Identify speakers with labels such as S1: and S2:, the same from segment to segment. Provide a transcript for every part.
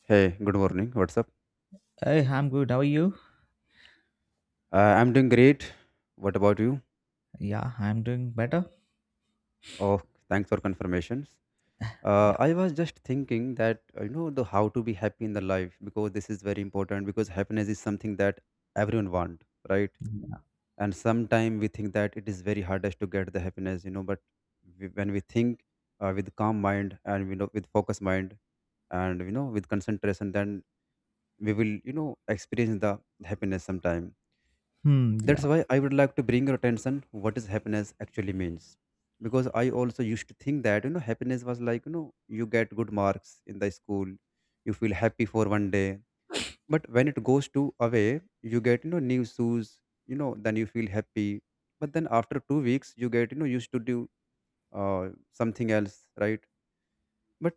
S1: Hey, good morning. What's up?
S2: Hey, I'm good. How are you?
S1: I'm doing great. What about you?
S2: Yeah, I'm doing better.
S1: Oh, thanks for confirmations.
S2: Yeah.
S1: I was just thinking that you know the how to be happy in the life, because this is very important, because happiness is something that everyone want, right? And sometimes we think that it is very hardest to get the happiness, you know. But when we think with calm mind, and with focused mind, and with concentration, then we will experience the happiness sometime.
S2: Hmm.
S1: That's
S2: Yeah.
S1: why I would like to bring your attention what is happiness actually means. Because I also used to think that, you know, happiness was like, you know, you get good marks in the school, you feel happy for one day. But when it goes to away, you get, you know, new shoes, you know, then you feel happy. But then after 2 weeks, you get, you know, used to do something else, right? But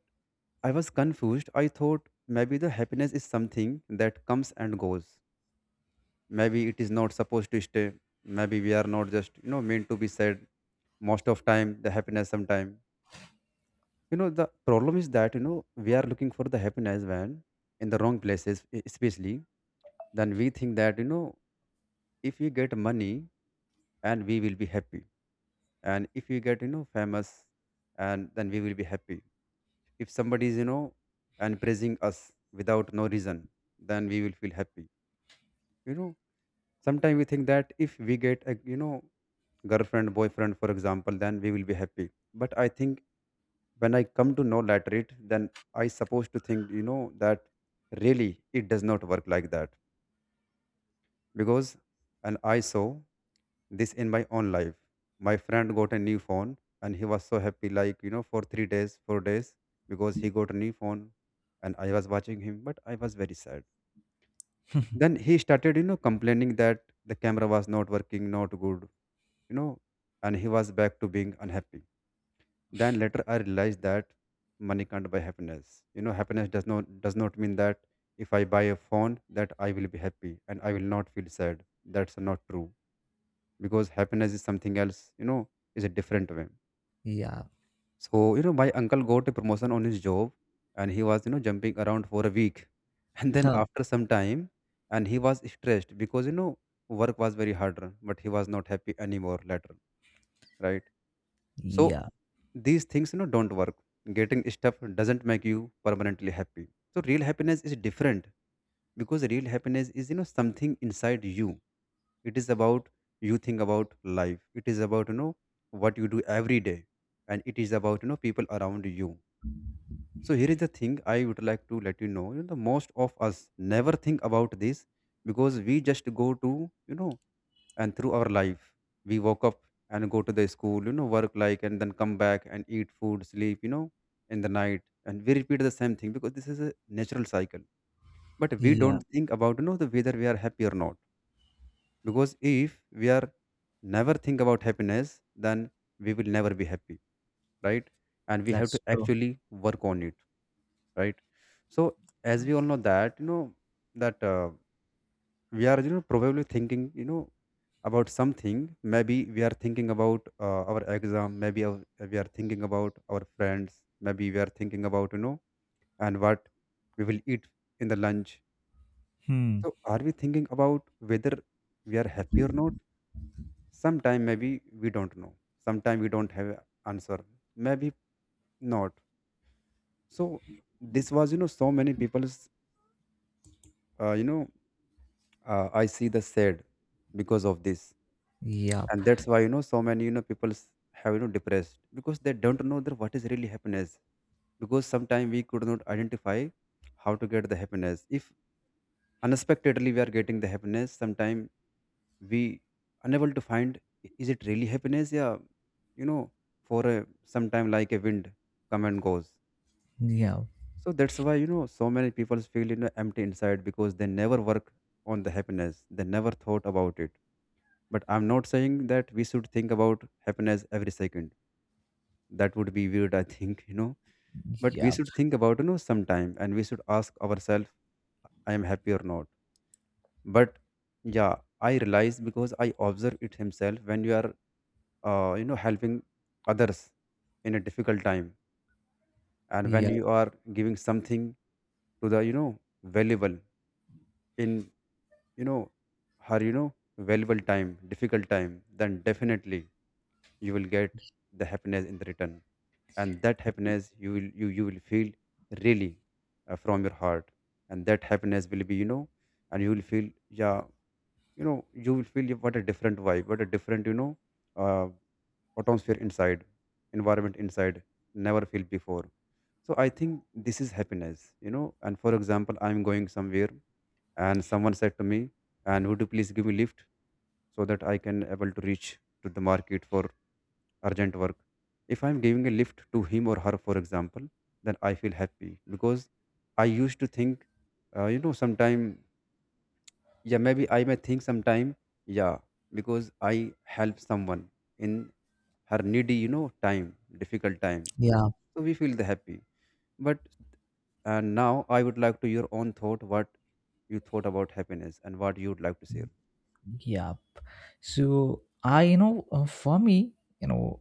S1: I was confused. I thought maybe the happiness is something that comes and goes, maybe it is not supposed to stay, maybe we are not just meant to be sad most of time the happiness sometime. You know, the problem is that, you know, we are looking for the happiness when in the wrong places, especially then we think that, you know, if we get money and we will be happy, and if we get, you know, famous, and then we will be happy. If somebody is, you know, and praising us without no reason, then we will feel happy, you know. Sometimes we think that if we get a, you know, girlfriend boyfriend for example, then we will be happy. But I think when I come to know later it, then I supposed to think, you know, that really it does not work like that. Because, and I saw this in my own life. My friend got a new phone and he was so happy like, you know, for 3 days 4 days, because he got a new phone. And I was watching him but I was very sad. Then he started, you know, complaining that the camera was not working not good, you know, and he was back to being unhappy. Then later I realized that money can't buy happiness. You know, happiness does not mean that if I buy a phone that I will be happy and I will not feel sad. That's not true, because happiness is something else. You know, is a different way.
S2: Yeah.
S1: So you know, my uncle got a promotion on his job, and he was, you know, jumping around for a week, and then
S2: Huh.
S1: after some time, and he was stressed because, you know, work was very harder, but he was not happy anymore later, right? So
S2: Yeah.
S1: these things, you know, don't work. Getting stuff doesn't make you permanently happy. So real happiness is different, because real happiness is, you know, something inside you. It is about, you think about life, it is about, you know, what you do every day, and it is about, you know, people around you. So here is the thing I would like to let you know, the most of us never think about this, because we just go to, you know, and through our life. We woke up and go to the school, you know, work like, and then come back and eat food, sleep, you know, in the night, and we repeat the same thing, because this is a natural cycle. But we
S2: Yeah.
S1: don't think about, you know, the whether we are happy or not. Because if we are never think about happiness, then we will never be happy, right? And we have
S2: That's
S1: to
S2: true.
S1: actually work on it, right? So as we all know that, you know, that we are, you know, probably thinking, you know, about something. Maybe we are thinking about our exam, we are thinking about our friends, maybe we are thinking about, you know, and what we will eat in the lunch.
S2: Hmm.
S1: So are we thinking about whether we are happy or not? Sometime maybe we don't know, sometime we don't have a answer, maybe not. So this was, you know, so many people's uh, you know I see the sad because of this.
S2: Yep.
S1: And that's why, you know, so many, you know, people have, you know, depressed, because they don't know that what is really happiness. Because sometimes we could not identify how to get the happiness. If unexpectedly we are getting the happiness, sometimes we unable to find is it really happiness, yeah, you know, for a sometime, like a wind come and goes.
S2: Yep.
S1: So that's why, you know, so many people feel, you know, empty inside, because they never work on the happiness, they never thought about it. But I'm not saying that we should think about happiness every second. That would be weird, I think, you know. But we
S2: Yep.
S1: should think about, you know, sometime, and we should ask ourselves, I am happy or not? But yeah, I realize, because I observe it himself. When you are you know, helping others in a difficult time, and when
S2: Yep.
S1: you are giving something to the, you know, valuable in, you know, her, you know, valuable time, difficult time, then definitely you will get the happiness in the return. And that happiness you will, you will feel really from your heart. And that happiness will be, you know, and you will feel, yeah, you know, you will feel, yeah, what a different vibe, what a different, you know, uh, atmosphere inside, environment inside, never felt before. So I think this is happiness, you know. And for example, I'm going somewhere and someone said to me and would you please give me lift, so that I can able to reach to the market for urgent work. If I'm giving a lift to him or her, for example, then I feel happy, because I used to think, you know, sometime, yeah, maybe I may think sometime, yeah, because I help someone in her needy, you know, time, difficult time.
S2: Yep.
S1: So we feel the happy. But now I would like to your own thought what you thought about happiness and what you would like to share.
S2: Yep. So I, for me, you know,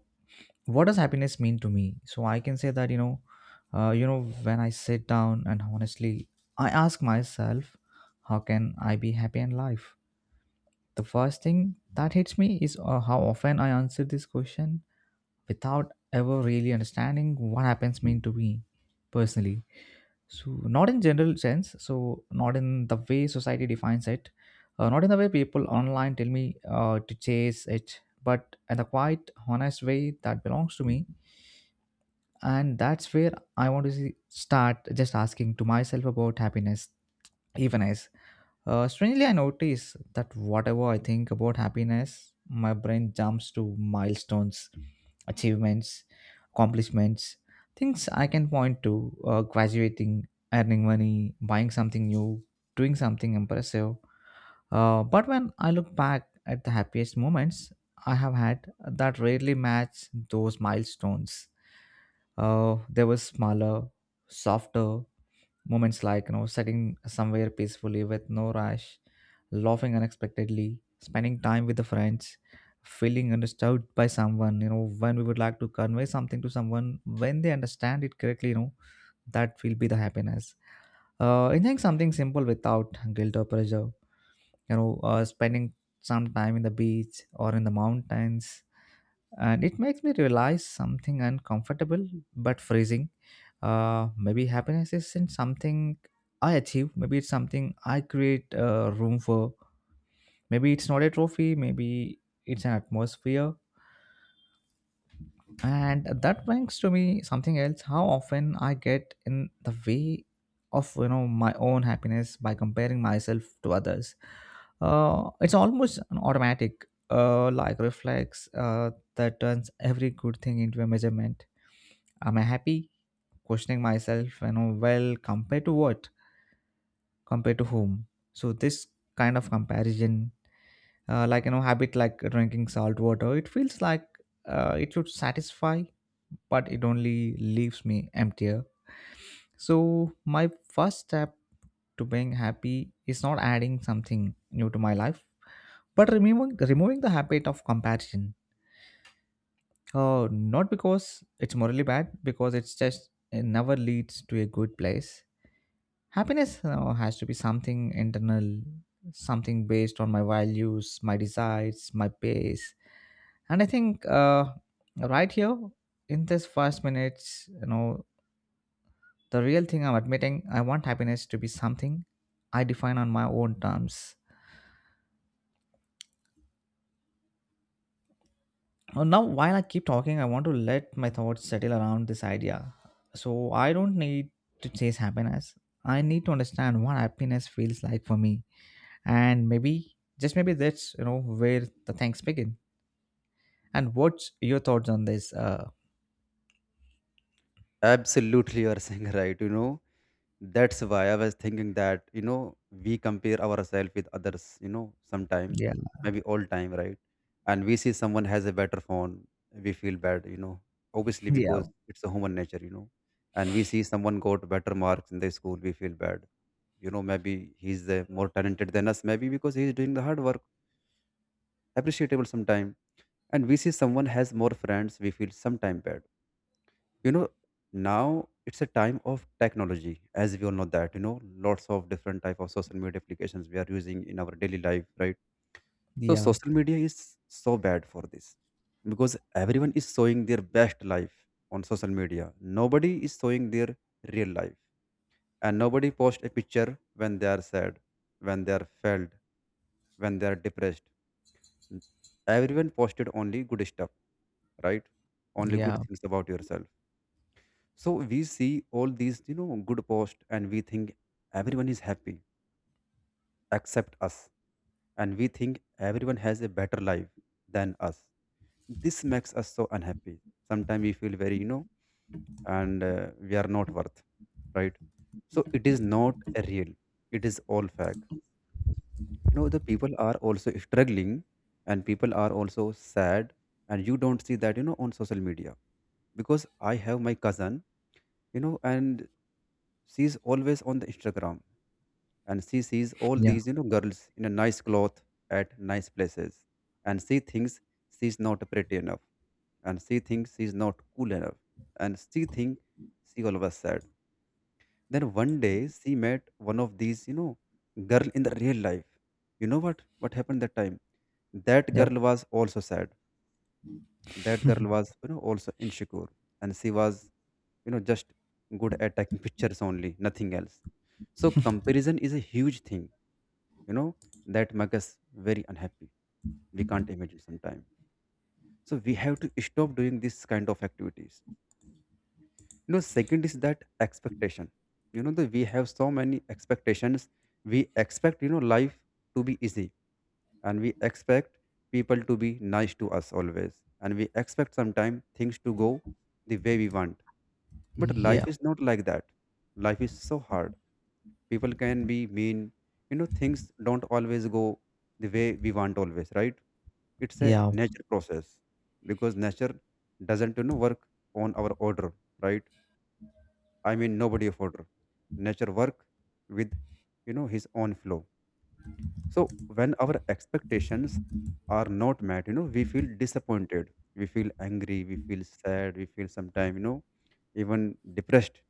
S2: what does happiness mean to me? So I can say that, you know, when I sit down and honestly, I ask myself, how can I be happy in life? The first thing that hits me is how often I answer this question without ever really understanding what happens mean to me personally, so not in general sense, so not in the way society defines it, not in the way people online tell me to chase it, but in the quite honest way that belongs to me. And that's where I want to see, start just asking to myself about happiness even as, strangely, I notice that whatever I think about happiness, my brain jumps to milestones, achievements, accomplishments, things I can point to, graduating, earning money, buying something new, doing something impressive. But when I look back at the happiest moments I have had, that rarely match those milestones. There were smaller, softer moments, like, you know, sitting somewhere peacefully with no rush, laughing unexpectedly, spending time with the friends, feeling understood by someone, you know, when we would like to convey something to someone, when they understand it correctly, you know, that will be the happiness. Enjoying something simple without guilt or pressure, you know, spending some time in the beach or in the mountains. And it makes me realize something uncomfortable but freezing. Maybe happiness isn't something I achieve. Maybe it's something I create room for. Maybe it's not a trophy, maybe it's an atmosphere. And that brings to me something else: how often I get in the way of, you know, my own happiness by comparing myself to others. Uh, it's almost an automatic, like, reflex that turns every good thing into a measurement. Am I happy? Questioning myself, you know, well, compared to what? Compared to whom? So this kind of comparison, like, you know, habit, like drinking salt water, it feels like, it should satisfy, but it only leaves me emptier. So my first step to being happy is not adding something new to my life, but removing the habit of comparison. Uh, not because it's morally bad, because it's just it never leads to a good place. Happiness, you know, has to be something internal, something based on my values, my desires, my pace. And I think, right here, in this first minutes, you know, the real thing I'm admitting, I want happiness to be something I define on my own terms. Now, while I keep talking, I want to let my thoughts settle around this idea. So I don't need to chase happiness, I need to understand what happiness feels like for me. And maybe, just maybe, that's, you know, where the things begin. And what's your thoughts on this? uh
S1: Absolutely, you are saying right. You know, that's why I was thinking that, you know, we compare ourselves with others, you know, sometime,
S2: yeah
S1: maybe all time, right? And we see someone has a better phone, we feel bad, you know, obviously
S2: yeah,
S1: because it's a human nature, you know. And we see someone got better marks in the school, we feel bad. You know, maybe he's more talented than us, maybe because he's doing the hard work, appreciable sometime. And we see someone has more friends, we feel sometime bad, you know. Now it's a time of technology. As we all know that, you know, lots of different type of social media applications we are using in our daily life, right? So
S2: yeah,
S1: social media is so bad for this, because everyone is showing their best life on social media. Nobody is showing their real life, and nobody posts a picture when they are sad, when they are failed, when they are depressed. Everyone posted only good stuff, right? Only good
S2: yeah,
S1: things about yourself. So we see all these, you know, good posts and we think everyone is happy except us. And we think everyone has a better life than us. This makes us so unhappy. Sometimes we feel very, you know, and we are not worth, right? So it is not a real, it is all fake. You know, the people are also struggling and people are also sad. And you don't see that, on social media because I have my cousin and she's always on the Instagram. And she sees all
S2: yeah,
S1: these girls in a nice cloth at nice places, and she thinks she's not pretty enough, and she thinks she's not cool enough, and she thinks she always sad. Then one day she met one of these girl in the real life. You know what happened that time, that girl
S2: yep,
S1: was also sad. That girl was also insecure, and she was just good at taking pictures only, nothing else. So comparison is a huge thing, you know that makes us very unhappy. We can't imagine sometimes, so we have to stop doing this kind of activities. Second is that expectation. That we have so many expectations. We expect life to be easy, and we expect people to be nice to us always, and we expect sometimes things to go the way we want, but
S2: yeah,
S1: life is not like that. Life is so hard. People can be mean. Things don't always go the way we want always, right? It's a
S2: yeah.
S1: nature process, because nature doesn't work on our order, right? I mean, nobody of order. Nature work with, his own flow. So when our expectations are not met, we feel disappointed, we feel angry, we feel sad, we feel sometimes, even depressed.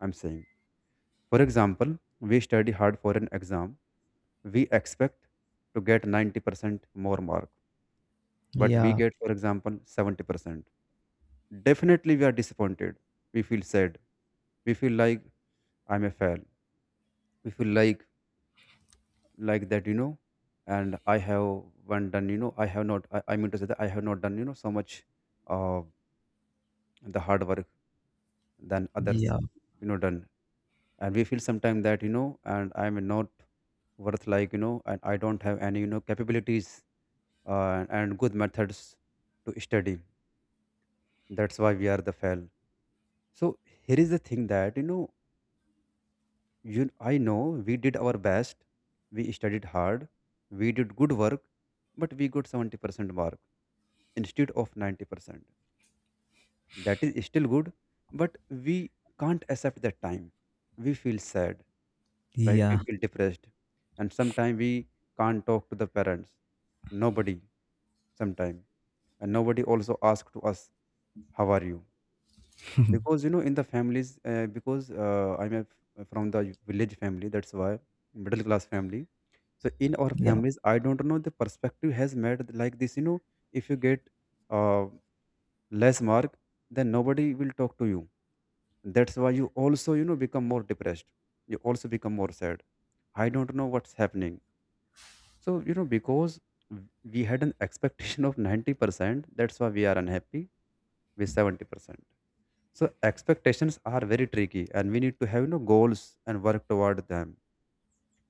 S1: I'm saying, for example, we study hard for an exam, we expect to get 90% more mark, but we
S2: Yeah,
S1: get, for example, 70%. Definitely, we are disappointed. We feel sad. We feel like I'm a fail. We feel like that, and I haven't done, I have not, I mean to say that I have not done so much uh, the hard work than others
S2: yeah,
S1: done. And we feel sometimes that, and I'm not worth, like, and I don't have any capabilities, and good methods to study. That's why we are the fail. So here is the thing that, I know we did our best. We studied hard. We did good work, but we got 70% mark instead of 90%. That is still good, but we can't accept that time. We feel sad, right? We
S2: yeah,
S1: feel depressed. And sometimes we can't talk to the parents. Nobody, sometimes. And nobody also asks to us, how are you? Because, in the families, because I'm from the village family, that's why, middle class family. So in our
S2: yeah,
S1: families, I don't know, the perspective has made like this. If you get uh, less mark, then nobody will talk to you. That's why you also become more depressed. You also become more sad. I don't know what's happening. So because w- we had an expectation of 90%, that's why we are unhappy with 70%. So expectations are very tricky, and we need to have goals and work toward them.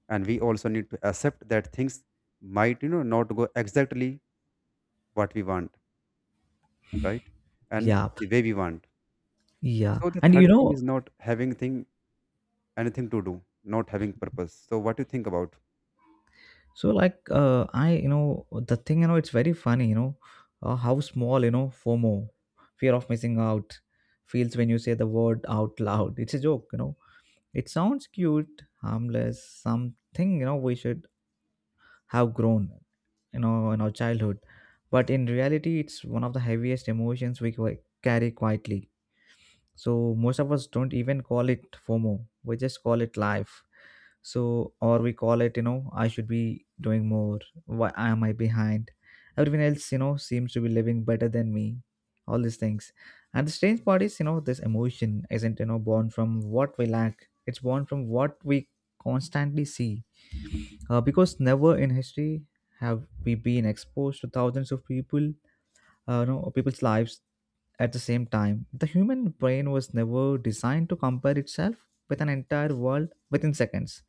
S1: And we also need to accept that things might not go exactly what we want, right? And
S2: yeah,
S1: the way we want.
S2: yeah.
S1: So the
S2: And
S1: third
S2: you
S1: thing is
S2: know,
S1: not having thing anything to do, not having purpose. So what do you think about?
S2: so like, I, you know, the thing, you know, it's very funny, you know, how small, you know, FOMO, fear of missing out, feels when you say the word out loud. It's a joke, you know. It sounds cute, harmless, something, you know, we should have grown, you know, in our childhood. But in reality, it's one of the heaviest emotions we carry quietly. So most of us don't even call it FOMO. We just call it life. So or we call it, you know, I should be doing more. Why am I behind? Everyone else, you know, seems to be living better than me. All these things. And the strange part is, you know, this emotion isn't, you know, born from what we lack. It's born from what we constantly see. Because never in history have we been exposed to thousands of people, you know, people's lives at the same time. The human brain was never designed to compare itself with an entire world within seconds.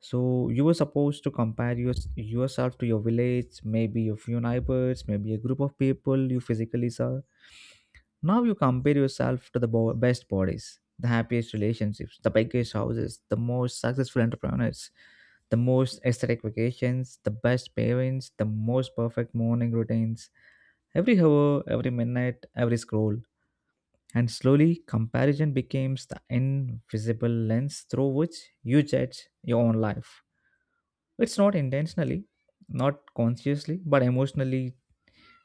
S2: So you were supposed to compare your, yourself to your village, maybe a few neighbors, maybe a group of people you physically saw. Now you compare yourself to the best bodies, the happiest relationships, the biggest houses, the most successful entrepreneurs, the most aesthetic vacations, the best parents, the most perfect morning routines. Every hour, every minute, every scroll, and slowly, comparison becomes the invisible lens through which you judge your own life. It's not intentionally, not consciously, but emotionally,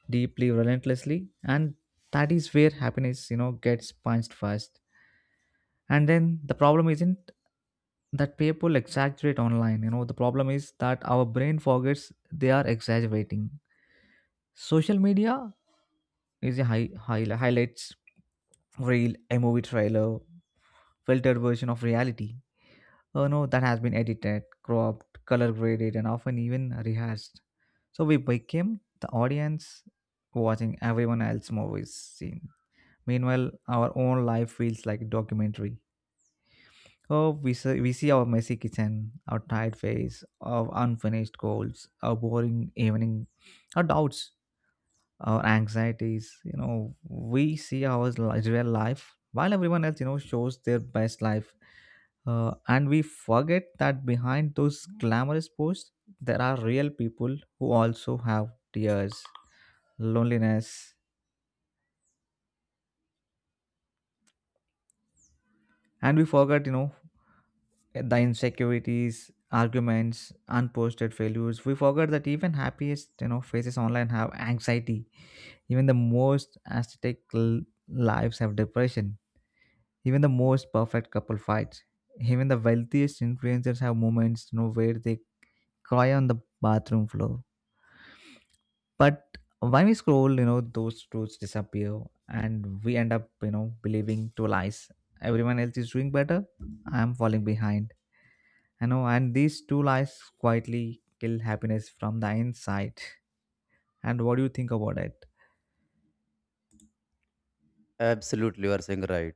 S2: deeply, relentlessly. And that is where happiness, you know, gets punched first. And then the problem isn't that people exaggerate online. You know, the problem is that our brain forgets they are exaggerating. Social media is a highlights reel, a movie trailer, filtered version of reality. Oh no, that has been edited, cropped, color graded, and often even rehearsed. So we became the audience watching everyone else's movies scene. Meanwhile, our own life feels like a documentary. Oh, we see our messy kitchen, our tired face, our unfinished goals, our boring evening, our doubts, our anxieties. You know, we see our real life while everyone else, you know, shows their best life. Uh, and we forget that behind those glamorous posts there are real people who also have tears, loneliness. And we forget, you know, the insecurities, arguments, unposted failures. We forget that even happiest, you know, faces online have anxiety, even the most aesthetic lives have depression. Even the most perfect couple fights. Even the wealthiest influencers have moments, you know, where they cry on the bathroom floor. But when we scroll, you know, those truths disappear and we end up, you know, believing two lies. Everyone else is doing better. I am falling behind. I know, and these two lies quietly kill happiness from the inside. And what do you think about it?
S1: Absolutely, you are saying right.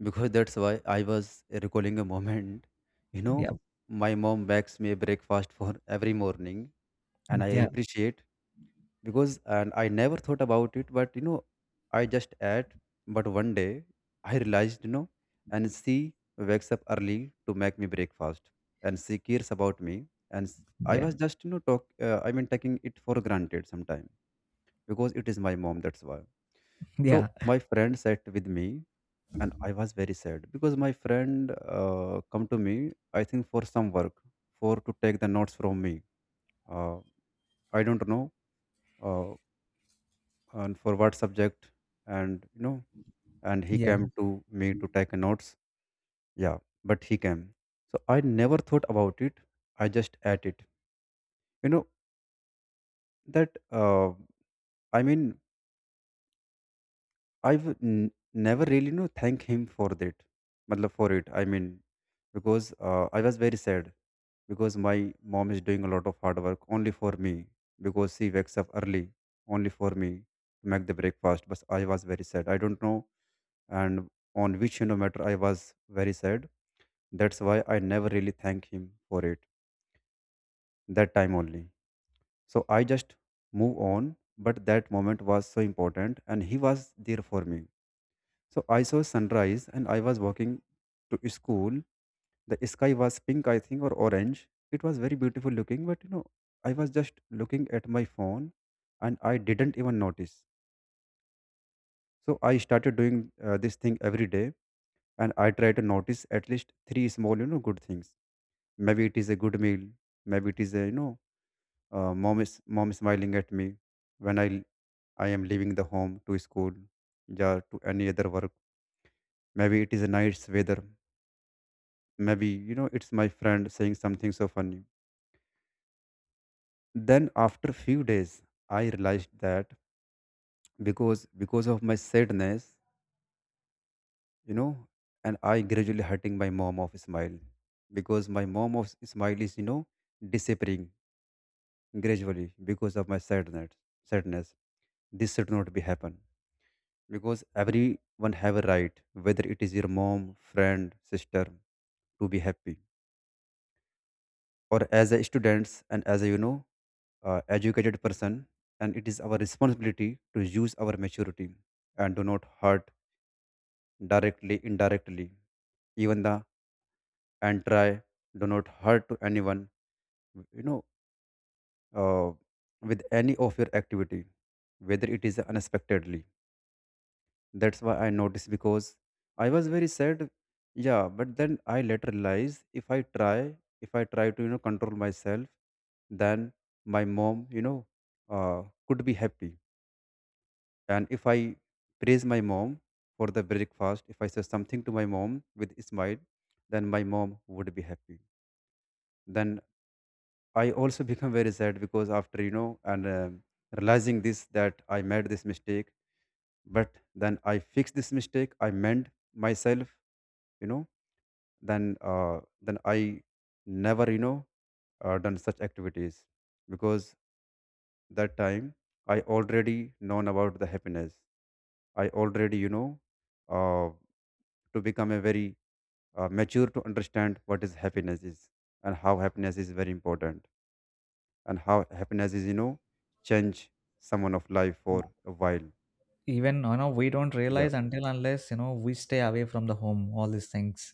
S1: Because that's why I was recalling a moment. You
S2: Yeah,
S1: know, my mom bakes me a breakfast for every morning, and I
S2: yeah,
S1: appreciate, because and I never thought about it, but I just ate. But one day I realized, and she wakes up early to make me breakfast, and she cares about me, and I
S2: yeah,
S1: was just talk. I mean, taking it for granted sometime, because it is my mom. That's why. So
S2: yeah.
S1: my friend sat with me, and I was very sad because my friend come to me. I think for some work, for to take the notes from me. Uh, I don't know. Uh, and for what subject, and and he
S2: Yeah.
S1: came to me to take notes, yeah, but he came. So I never thought about it, I just ate it, you know that, I mean, I've never really thank him for that, matlab for it, I mean, because I was very sad, because my mom is doing a lot of hard work only for me, because she wakes up early only for me to make the breakfast. But I was very sad, I don't know, and on which matter I was very sad. That's why I never really thank him for it that time only. So I just move on, but that moment was so important, and he was there for me. So I saw sunrise, and I was walking to school. The sky was pink, I think, or orange. It was very beautiful looking, but I was just looking at my phone, and I didn't even notice. So I started doing this thing every day, and I try to notice at least three small, good things. Maybe it is a good meal. Maybe it is mom smiling at me when I am leaving the home to school, yeah, to any other work. Maybe it is a nice weather. Maybe it's my friend saying something so funny. Then after few days, I realized that, because of my sadness, you know, and I gradually hurting my mom of smile, because my mom of smile is disappearing gradually because of my sadness. This should not be happen, because everyone have a right, whether it is your mom, friend, sister, to be happy. Or as a students and as a educated person, and it is our responsibility to use our maturity and do not hurt, directly, indirectly, even the and try, do not hurt to anyone. you know uh, with any of your activity, whether it is unexpectedly. That's why I noticed, because I was very sad. Yeah, but then I later realized, if I try to, control myself, then my mom, could be happy. And if I praise my mom for the breakfast, if I say something to my mom with a smile, then my mom would be happy. Then I also become very sad, because after, and realizing this, that I made this mistake. But then I fixed this mistake, I mend myself, you know then uh, then I never done such activities, because that time I already known about the happiness. I already uh, to become a very mature, to understand what is happiness is, and how happiness is very important, and how happiness is change someone of life for a while.
S2: Even, you know, we don't
S1: Yeah.
S2: realize until, unless, you know, we stay away from the home, all these things.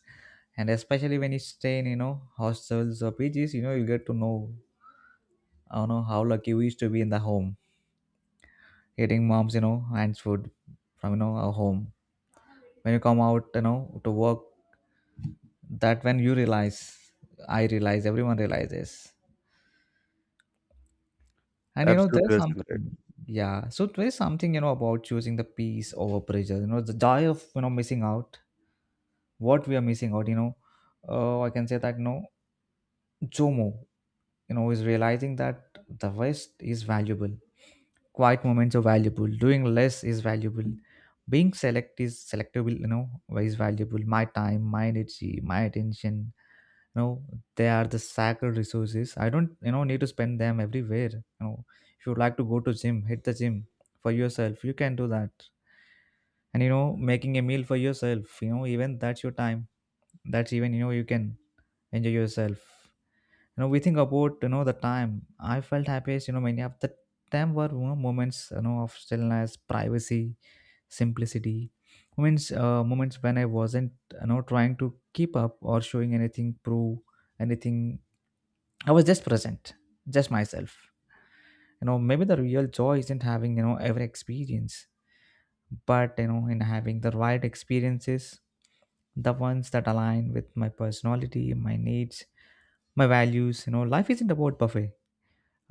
S2: And especially when you stay in, you know, hostels or PGs, you know, you get to know, I don't know how lucky we used to be in the home, eating mom's, you know, hands food from, you know, our home. When you come out, you know, to work, that when you realize. I realize, everyone realizes. And, you know,
S1: Absolutely,
S2: there's
S1: you're
S2: some.
S1: saying right.
S2: Yeah, so there's something, you know, about choosing the peace over pressure, you know, the joy of, you know, missing out, what we are missing out, you know. I can say that, you know, JOMO, you know, is realizing that the west is valuable, quiet moments are valuable, doing less is valuable, being select is selectable, you know, is valuable. My time, my energy, my attention, you know, they are the sacred resources. I don't, you know, need to spend them everywhere. You know, if you like to go to gym, hit the gym for yourself, you can do that. And, you know, making a meal for yourself, you know, even that's your time, that's even, you know, you can enjoy yourself. You know, we think about, you know, the time I felt happiest, you know, many of the time were, you know, moments, you know, of stillness, privacy, simplicity. Moments moments when I wasn't, you know, trying to keep up or showing anything, prove anything. I was just present, just myself. You know, maybe the real joy isn't having, you know, every experience, but, you know, in having the right experiences, the ones that align with my personality, my needs, my values. You know, life isn't about buffet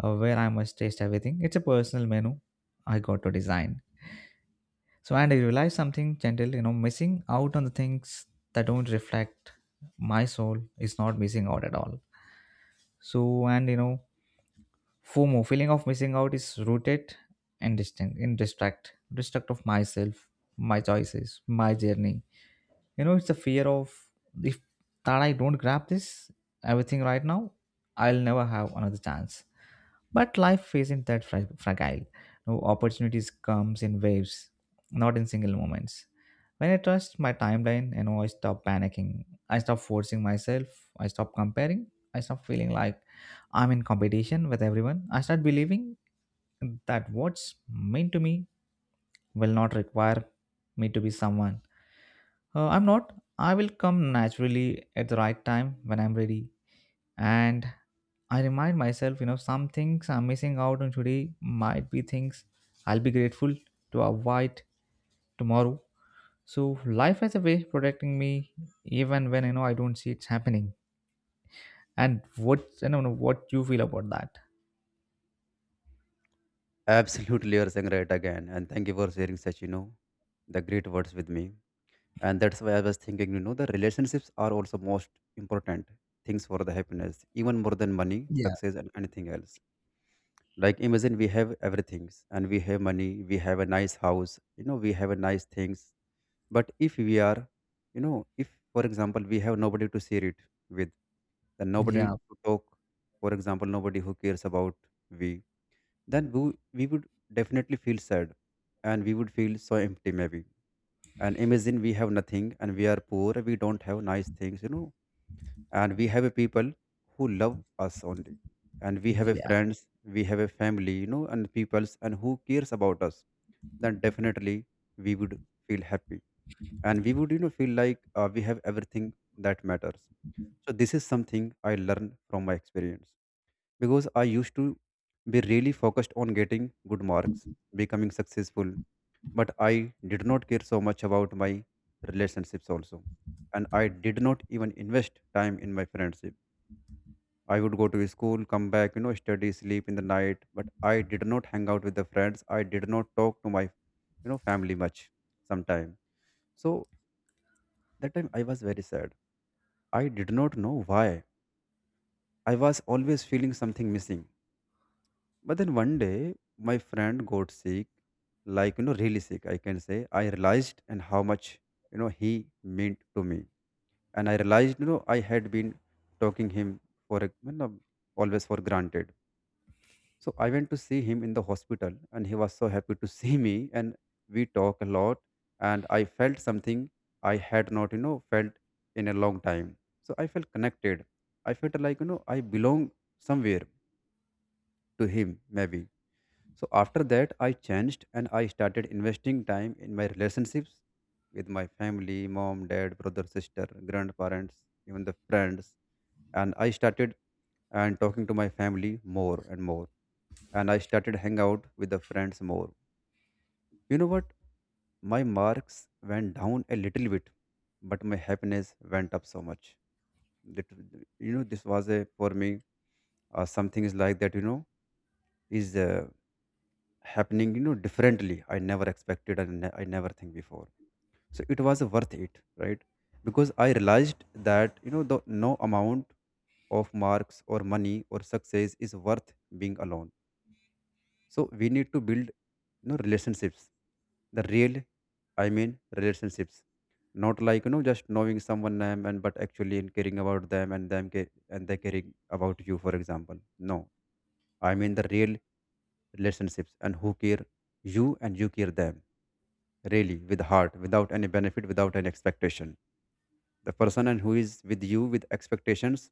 S2: where I must taste everything. It's a personal menu I got to design. So, and I realized something gentle, you know, missing out on the things that don't reflect my soul is not missing out at all. So, and you know, FOMO, feeling of missing out, is rooted in distinct, in distract, distract of myself, my choices, my journey. You know, it's the fear of, if that I don't grab this everything right now, I'll never have another chance. But life isn't that fragile. No opportunities comes in waves, not in single moments. When I trust my timeline, you know, I stop panicking. I stop forcing myself. I stop comparing. I stop feeling like I'm in competition with everyone. I start believing that what's meant to me will not require me to be someone. I'm not. I will come naturally at the right time when I'm ready. And I remind myself, you know, some things I'm missing out on today might be things I'll be grateful to avoid tomorrow. So life has a way of protecting me even when, you know, I don't see it's happening. And what, I don't know what you feel about that.
S1: Absolutely, you're saying right again, and thank you for sharing such the great words with me. And that's why I was thinking, the relationships are also most important things for the happiness, even more than money,
S2: Yeah.
S1: success, and anything else. Like, imagine we have everything, and we have money, we have a nice house, we have a nice things. But if we are, if for example we have nobody to share it with, then nobody
S2: Yeah,
S1: to talk, for example, nobody who cares about we, then we would definitely feel sad, and we would feel so empty maybe. And imagine we have nothing, and we are poor, we don't have nice things, and we have a people who love us only, and we have a
S2: yeah.
S1: friends, we have a family, and peoples and who cares about us, then definitely we would feel happy, and we would feel like we have everything that matters. So this is something I learned from my experience, because I used to be really focused on getting good marks, becoming successful, but I did not care so much about my relationships also. And I did not even invest time in my friendship. I would go to school, come back, study, sleep in the night, but I did not hang out with the friends. I did not talk to my, family much sometime. So that time I was very sad. I did not know why. I was always feeling something missing. But then one day, my friend got sick, like, really sick, I can say. I realized and how much, he meant to me. And I realized, I had been talking him for, always for granted. So I went to see him in the hospital, and he was so happy to see me. And we talk a lot, and I felt something I had not, felt in a long time. So I felt connected. I felt like, I belong somewhere to him, maybe. So after that, I changed, and I started investing time in my relationships with my family, mom, dad, brother, sister, grandparents, even the friends. And I started and talking to my family more and more. And I started hang out with the friends more. You know what? My marks went down a little bit, but my happiness went up so much. That, this was a for me something is like that. Is happening differently, I never expected, and I never think before. So it was worth it, right? Because I realized that, the no amount of marks or money or success is worth being alone. So we need to build relationships, the real, I mean, relationships. Not like just knowing someone name and but actually in caring about them, and they caring about you, for example. No, I mean the real relationships, and who care you and you care them, really with heart without any benefit, without any expectation. The person and who is with you with expectations,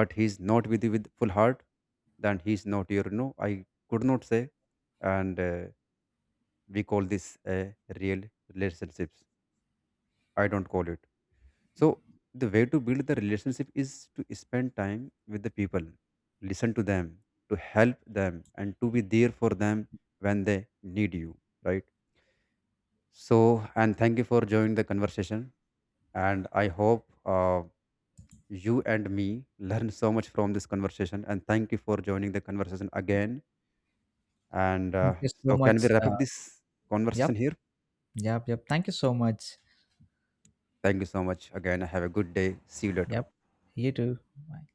S1: but he is not with you with full heart, then he is not your. No, I could not say. And we call this a real relationships, I don't call it. So the way to build the relationship is to spend time with the people, listen to them, to help them, and to be there for them when they need you, right? So, and thank you for joining the conversation, and I hope you and me learn so much from this conversation, and thank you for joining the conversation again. And
S2: Thank you
S1: so
S2: so
S1: can we
S2: much.
S1: wrap up this conversation
S2: Yep,
S1: here?
S2: yep, yep. Thank you so much.
S1: Thank you so much again, have a good day, see you later.
S2: Yep. You too. Bye.